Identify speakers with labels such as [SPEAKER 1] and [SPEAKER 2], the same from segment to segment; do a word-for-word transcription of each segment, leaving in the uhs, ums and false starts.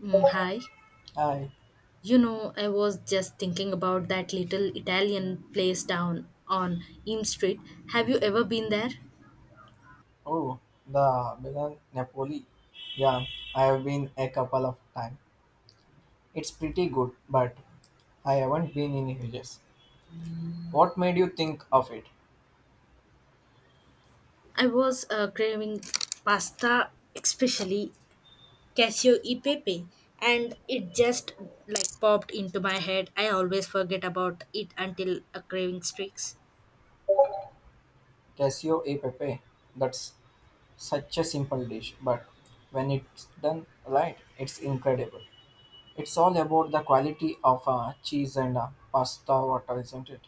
[SPEAKER 1] Mm, hi.
[SPEAKER 2] Hi.
[SPEAKER 1] You know, I was just thinking about that little Italian place down on Eam Street. Have you ever been there?
[SPEAKER 2] Oh, the Milan Napoli. Yeah, I have been a couple of times. It's pretty good, but I haven't been in ages. What made you think of it?
[SPEAKER 1] I was uh, craving pasta, especially cashew e pepe, and it just like popped into my head. I always forget about it until a craving streaks.
[SPEAKER 2] Casio e pepe. That's such a simple dish, but when it's done right, it's incredible. It's all about the quality of uh, cheese and uh, pasta water, isn't it?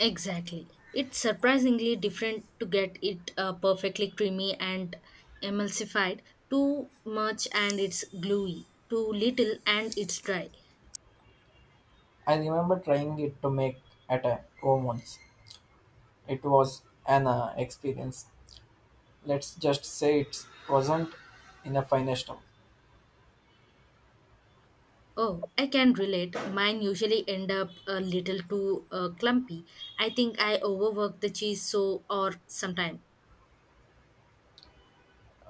[SPEAKER 1] Exactly. It's surprisingly different to get it uh, perfectly creamy and emulsified. Too much and it's gluey. Too little and it's dry.
[SPEAKER 2] I remember trying it to make at a home once. It was an uh, experience. Let's just say it wasn't in a finest of.
[SPEAKER 1] Oh, I can relate. Mine usually end up a little too uh, clumpy. I think I overwork the cheese so or sometime.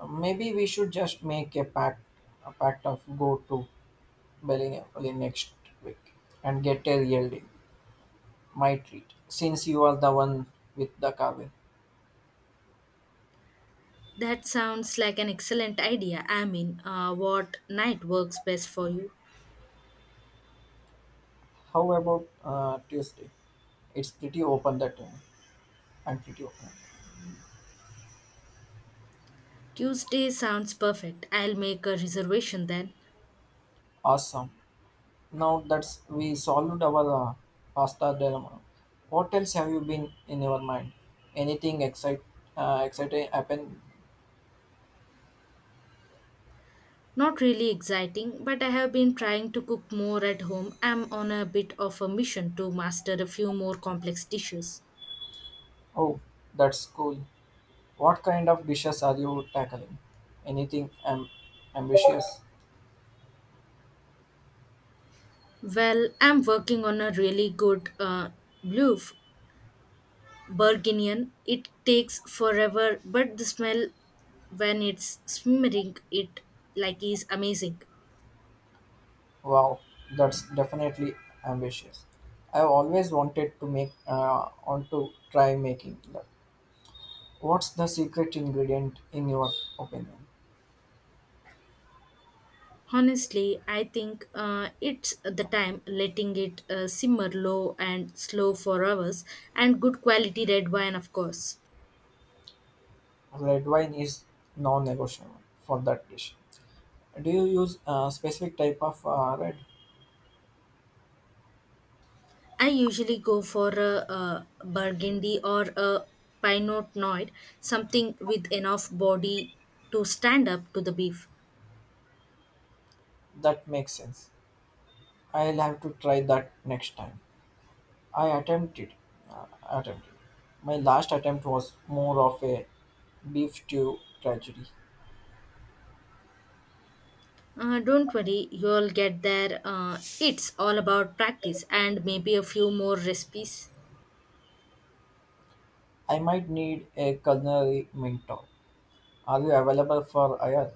[SPEAKER 2] Maybe we should just make a pact, a pact of go to Berlin next week and get a yielding. My treat, since you are the one with the carving.
[SPEAKER 1] That sounds like an excellent idea. I mean, uh, what night works best for you?
[SPEAKER 2] How about uh, Tuesday? It's pretty open that time. I'm pretty open.
[SPEAKER 1] Tuesday sounds perfect. I'll make a reservation then.
[SPEAKER 2] Awesome. Now that's we solved our uh, pasta dilemma. What else have you been in your mind? Anything excite, uh, exciting happen?
[SPEAKER 1] Not really exciting, but I have been trying to cook more at home. I'm on a bit of a mission to master a few more complex dishes.
[SPEAKER 2] Oh, that's cool. What kind of dishes are you tackling? Anything am- ambitious?
[SPEAKER 1] Well, I'm working on a really good uh, blue Burgundian. It takes forever, but the smell when it's simmering, it like is amazing.
[SPEAKER 2] Wow, that's definitely ambitious. I've always wanted to make, uh, Want to try making that. What's the secret ingredient in your opinion?
[SPEAKER 1] Honestly, I think uh, it's the time letting it uh, simmer low and slow for hours, and good quality red wine, of course.
[SPEAKER 2] Red wine is non-negotiable for that dish. Do you use a specific type of uh, red?
[SPEAKER 1] I usually go for a, a burgundy or a pinot noir, something with enough body to stand up to the beef.
[SPEAKER 2] That makes sense. I'll have to try that next time. I attempted, uh, Attempted. My last attempt was more of a beef stew tragedy.
[SPEAKER 1] Uh, don't worry, you'll get there. Uh, it's all about practice and maybe a few more recipes.
[SPEAKER 2] I might need a culinary mentor. Are you available for hire?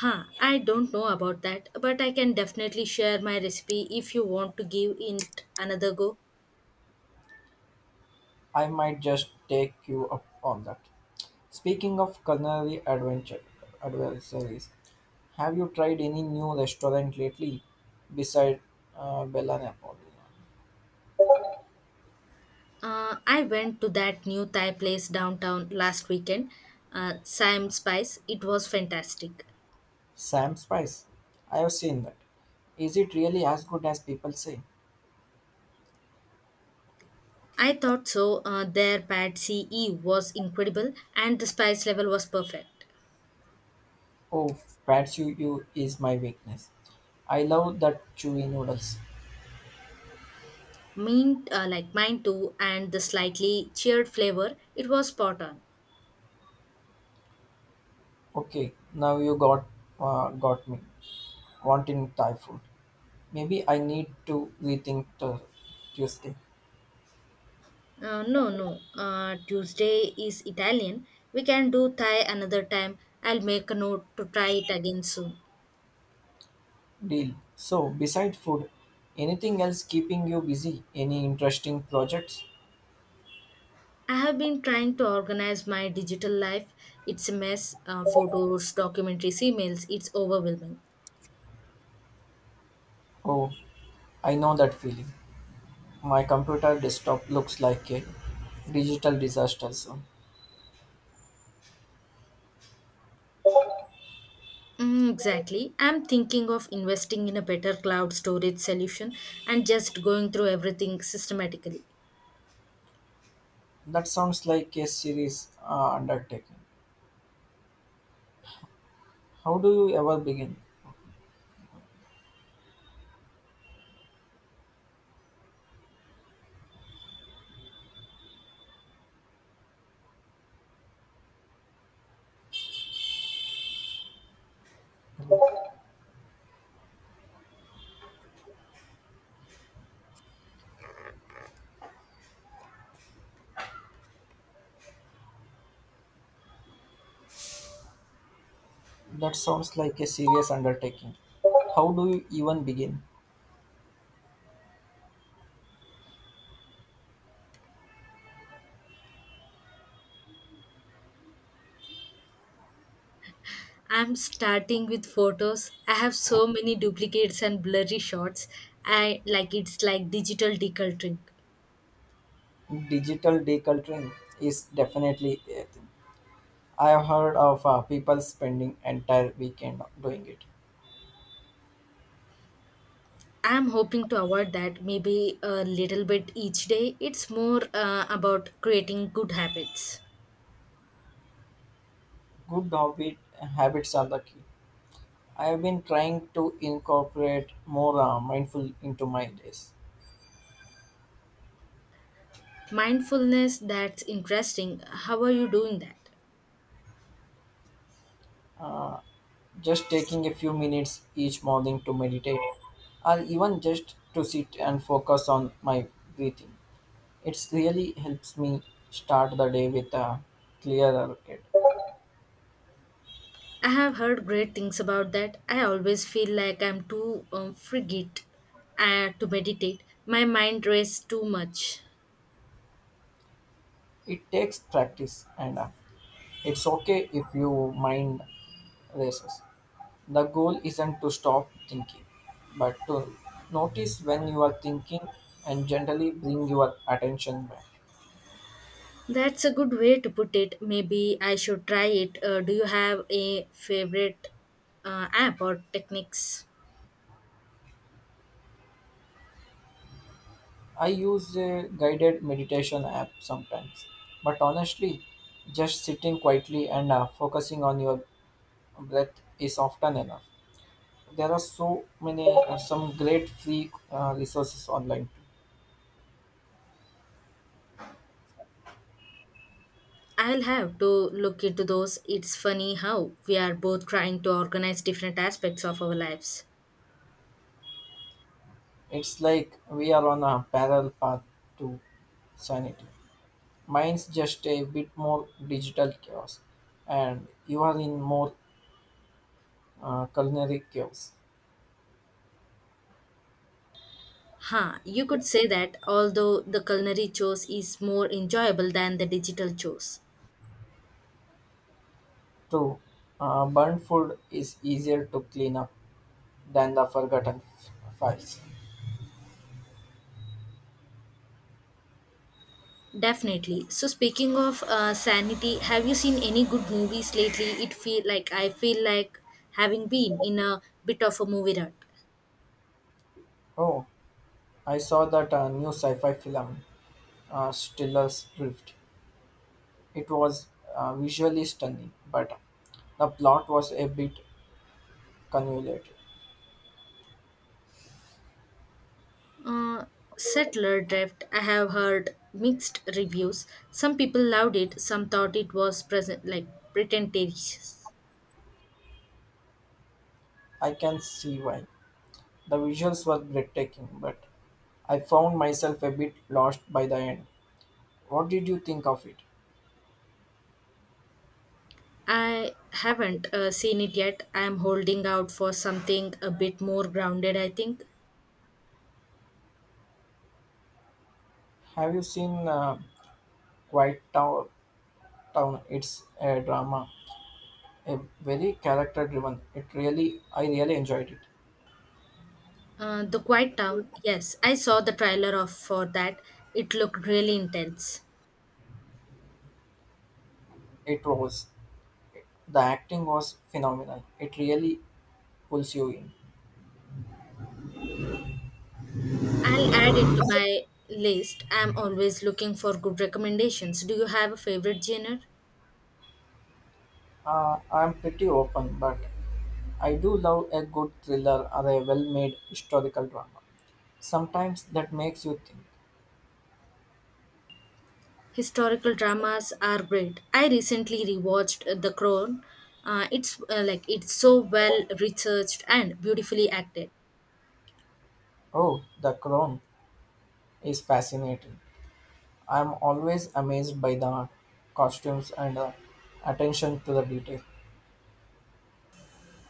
[SPEAKER 1] Huh, I don't know about that, but I can definitely share my recipe if you want to give it another go.
[SPEAKER 2] I might just take you up on that. Speaking of culinary adventure adversaries, have you tried any new restaurant lately beside uh, Bella Napoli?
[SPEAKER 1] Uh, I went to that new Thai place downtown last weekend, uh, Siam Spice. It was fantastic.
[SPEAKER 2] Sam Spice. I have seen that. Is it really as good as people say?
[SPEAKER 1] I thought so. Uh, their bad C E was incredible, and the spice level was perfect.
[SPEAKER 2] Oh, Ratsuyu is my weakness. I love that chewy noodles.
[SPEAKER 1] Mint, uh, like mine too, and the slightly cheered flavor, it was spot on.
[SPEAKER 2] Okay, now you got uh, got me wanting Thai food. Maybe I need to rethink the Tuesday
[SPEAKER 1] Uh, no, no. Uh, Tuesday is Italian. We can do Thai another time. I'll make a note to try it again soon.
[SPEAKER 2] deal. So, beside food, anything else keeping you busy? Any interesting projects?
[SPEAKER 1] I have been trying to organize my digital life. It's a mess. Uh, photos, documentaries, emails. It's overwhelming.
[SPEAKER 2] Oh, I know that feeling. My computer desktop looks like a digital disaster zone.
[SPEAKER 1] Mm, exactly. I'm thinking of investing in a better cloud storage solution and just going through everything systematically.
[SPEAKER 2] That sounds like a serious uh, undertaking. How do you ever begin? That sounds like a serious undertaking. How do you even begin?
[SPEAKER 1] I'm starting with photos. I have so many duplicates and blurry shots. I like It's like digital decluttering.
[SPEAKER 2] Digital decluttering is definitely a thing. I have heard of uh, people spending entire weekend doing it.
[SPEAKER 1] I'm hoping to avoid that maybe a little bit each day. It's more uh, about creating good habits.
[SPEAKER 2] Good habit, habits are the key. I have been trying to incorporate more uh, mindful into my days.
[SPEAKER 1] Mindfulness, that's interesting. How are you doing that?
[SPEAKER 2] Just taking a few minutes each morning to meditate, or even just to sit and focus on my breathing. It really helps me start the day with a clearer head.
[SPEAKER 1] I have heard great things about that. I always feel like I'm too um, frigid uh, to meditate. My mind races too much.
[SPEAKER 2] It takes practice and uh, it's okay if your mind races. The goal isn't to stop thinking, but to notice when you are thinking and gently bring your attention back.
[SPEAKER 1] That's a good way to put it. Maybe I should try it. Uh, do you have a favorite uh, app or techniques?
[SPEAKER 2] I use a guided meditation app sometimes, but honestly, just sitting quietly and uh, focusing on your breath is often enough. There are so many uh, some great free uh, resources online too.
[SPEAKER 1] I'll have to look into those. It's funny how we are both trying to organize different aspects of our lives.
[SPEAKER 2] It's like we are on a parallel path to sanity. Mine's just a bit more digital chaos and you are in more uh, culinary chaos
[SPEAKER 1] Huh, you could say that, although the culinary chores is more enjoyable than the digital chores.
[SPEAKER 2] too. Uh, burnt food is easier to clean up than the forgotten f- files.
[SPEAKER 1] Definitely. So speaking of uh, sanity, have you seen any good movies lately? It feel like I feel like having been in a bit of a movie rut.
[SPEAKER 2] Oh, I saw that uh, new sci-fi film, uh, Stiller's Drift. It was uh, visually stunning but the plot was a bit convoluted.
[SPEAKER 1] Uh, Settler Drift. I have heard mixed reviews. Some people loved it. Some thought it was present like pretentious.
[SPEAKER 2] I can see why. The visuals were breathtaking, but I found myself a bit lost by the end. What did you think of it?
[SPEAKER 1] I haven't uh, seen it yet. I am holding out for something a bit more grounded, I think.
[SPEAKER 2] Have you seen uh, Quiet Tow- Town? It's a drama, a very character-driven. It really, I really enjoyed it.
[SPEAKER 1] Uh, The Quiet Town. Yes, I saw the trailer of for that. It looked really intense.
[SPEAKER 2] It was, the acting was phenomenal. It really pulls you in.
[SPEAKER 1] I'll add it to my list. I'm always looking for good recommendations. Do you have a favorite genre?
[SPEAKER 2] Uh, I'm pretty open, but I do love a good thriller or a well-made historical drama. Sometimes that makes you think.
[SPEAKER 1] Historical dramas are great. I recently rewatched uh, The Crown. Uh, it's uh, like it's so well researched and beautifully acted.
[SPEAKER 2] Oh, The Crown is fascinating. I am always amazed by the costumes and uh, attention to the detail.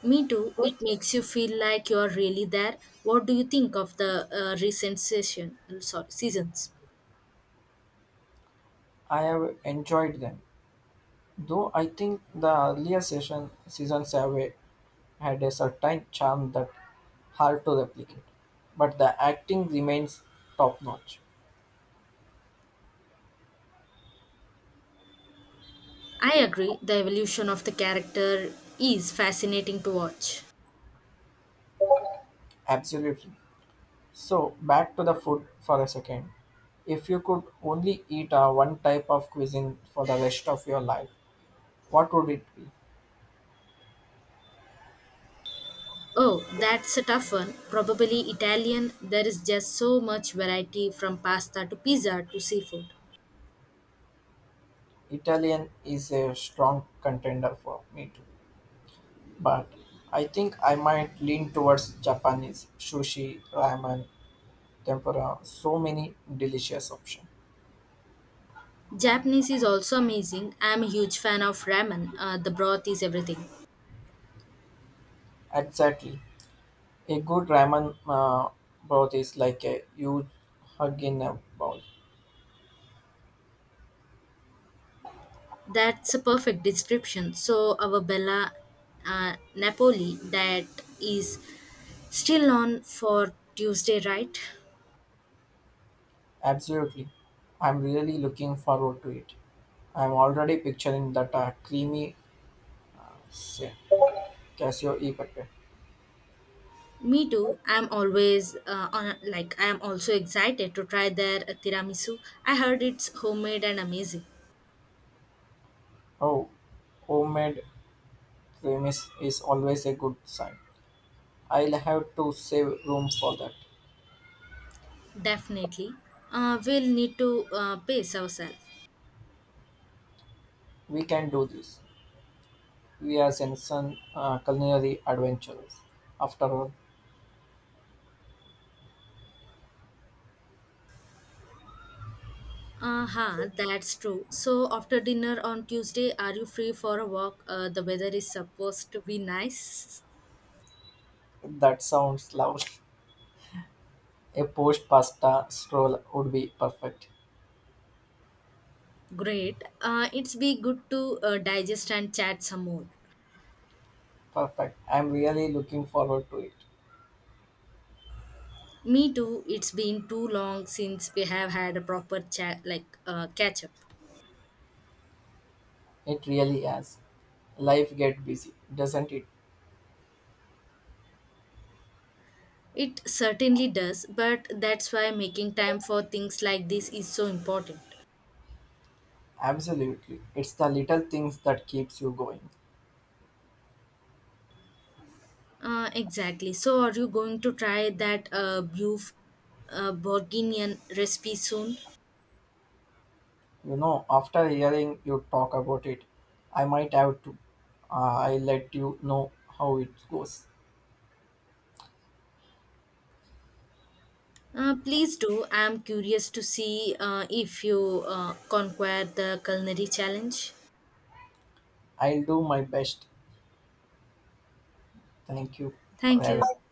[SPEAKER 1] Me too. It makes you feel like you're really there. What do you think of the uh, recent session? Sorry, seasons.
[SPEAKER 2] I have enjoyed them, though I think the earlier session seasons have a- had a certain charm that hard to replicate. But the acting remains top notch.
[SPEAKER 1] I agree. The evolution of the character is fascinating to watch.
[SPEAKER 2] Absolutely. So back to the food for a second. If you could only eat uh, one type of cuisine for the rest of your life, what would it be?
[SPEAKER 1] Oh, that's a tough one. Probably Italian. There is just so much variety from pasta to pizza to seafood.
[SPEAKER 2] Italian is a strong contender for me too, but I think I might lean towards Japanese sushi, ramen, tempura. So many delicious options.
[SPEAKER 1] Japanese is also amazing. I'm a huge fan of ramen. Uh, the broth is everything.
[SPEAKER 2] Exactly, a good ramen uh, broth is like a huge hug in a bowl.
[SPEAKER 1] That's a perfect description. So, our Bella uh, Napoli, that is still on for Tuesday, right?
[SPEAKER 2] Absolutely, I'm really looking forward to it. I'm already picturing that uh, creamy se- cashew e pepe.
[SPEAKER 1] Me too. I'm always uh, on like I'm also excited to try their tiramisu. I heard it's homemade and amazing.
[SPEAKER 2] Oh, homemade cream is, is always a good sign. I'll have to save room for that.
[SPEAKER 1] Definitely. Uh, we'll need to uh, pace ourselves.
[SPEAKER 2] We can do this. We are Senson uh, culinary adventurers. After all,
[SPEAKER 1] Aha, that's true. So, after dinner on Tuesday, are you free for a walk? Uh, the weather is supposed to be nice.
[SPEAKER 2] that sounds lovely. A post pasta stroll would be perfect.
[SPEAKER 1] Great. Uh, it's be good to uh, digest and chat some more.
[SPEAKER 2] Perfect. I'm really looking forward to it.
[SPEAKER 1] Me too. It's been too long since we have had a proper chat, like uh, catch up.
[SPEAKER 2] It really has. Life get busy, doesn't it?
[SPEAKER 1] It certainly does, but that's why making time for things like this is so important.
[SPEAKER 2] Absolutely. It's the little things that keeps you going.
[SPEAKER 1] Uh, exactly. So, are you going to try that uh, beef uh, bourguignon recipe soon?
[SPEAKER 2] You know, after hearing you talk about it, I might have to. Uh, I'll let you know how it goes.
[SPEAKER 1] Uh, please do. I am curious to see uh, if you uh, conquer the culinary challenge.
[SPEAKER 2] I'll do my best. Thank you for
[SPEAKER 1] Thank you.
[SPEAKER 2] having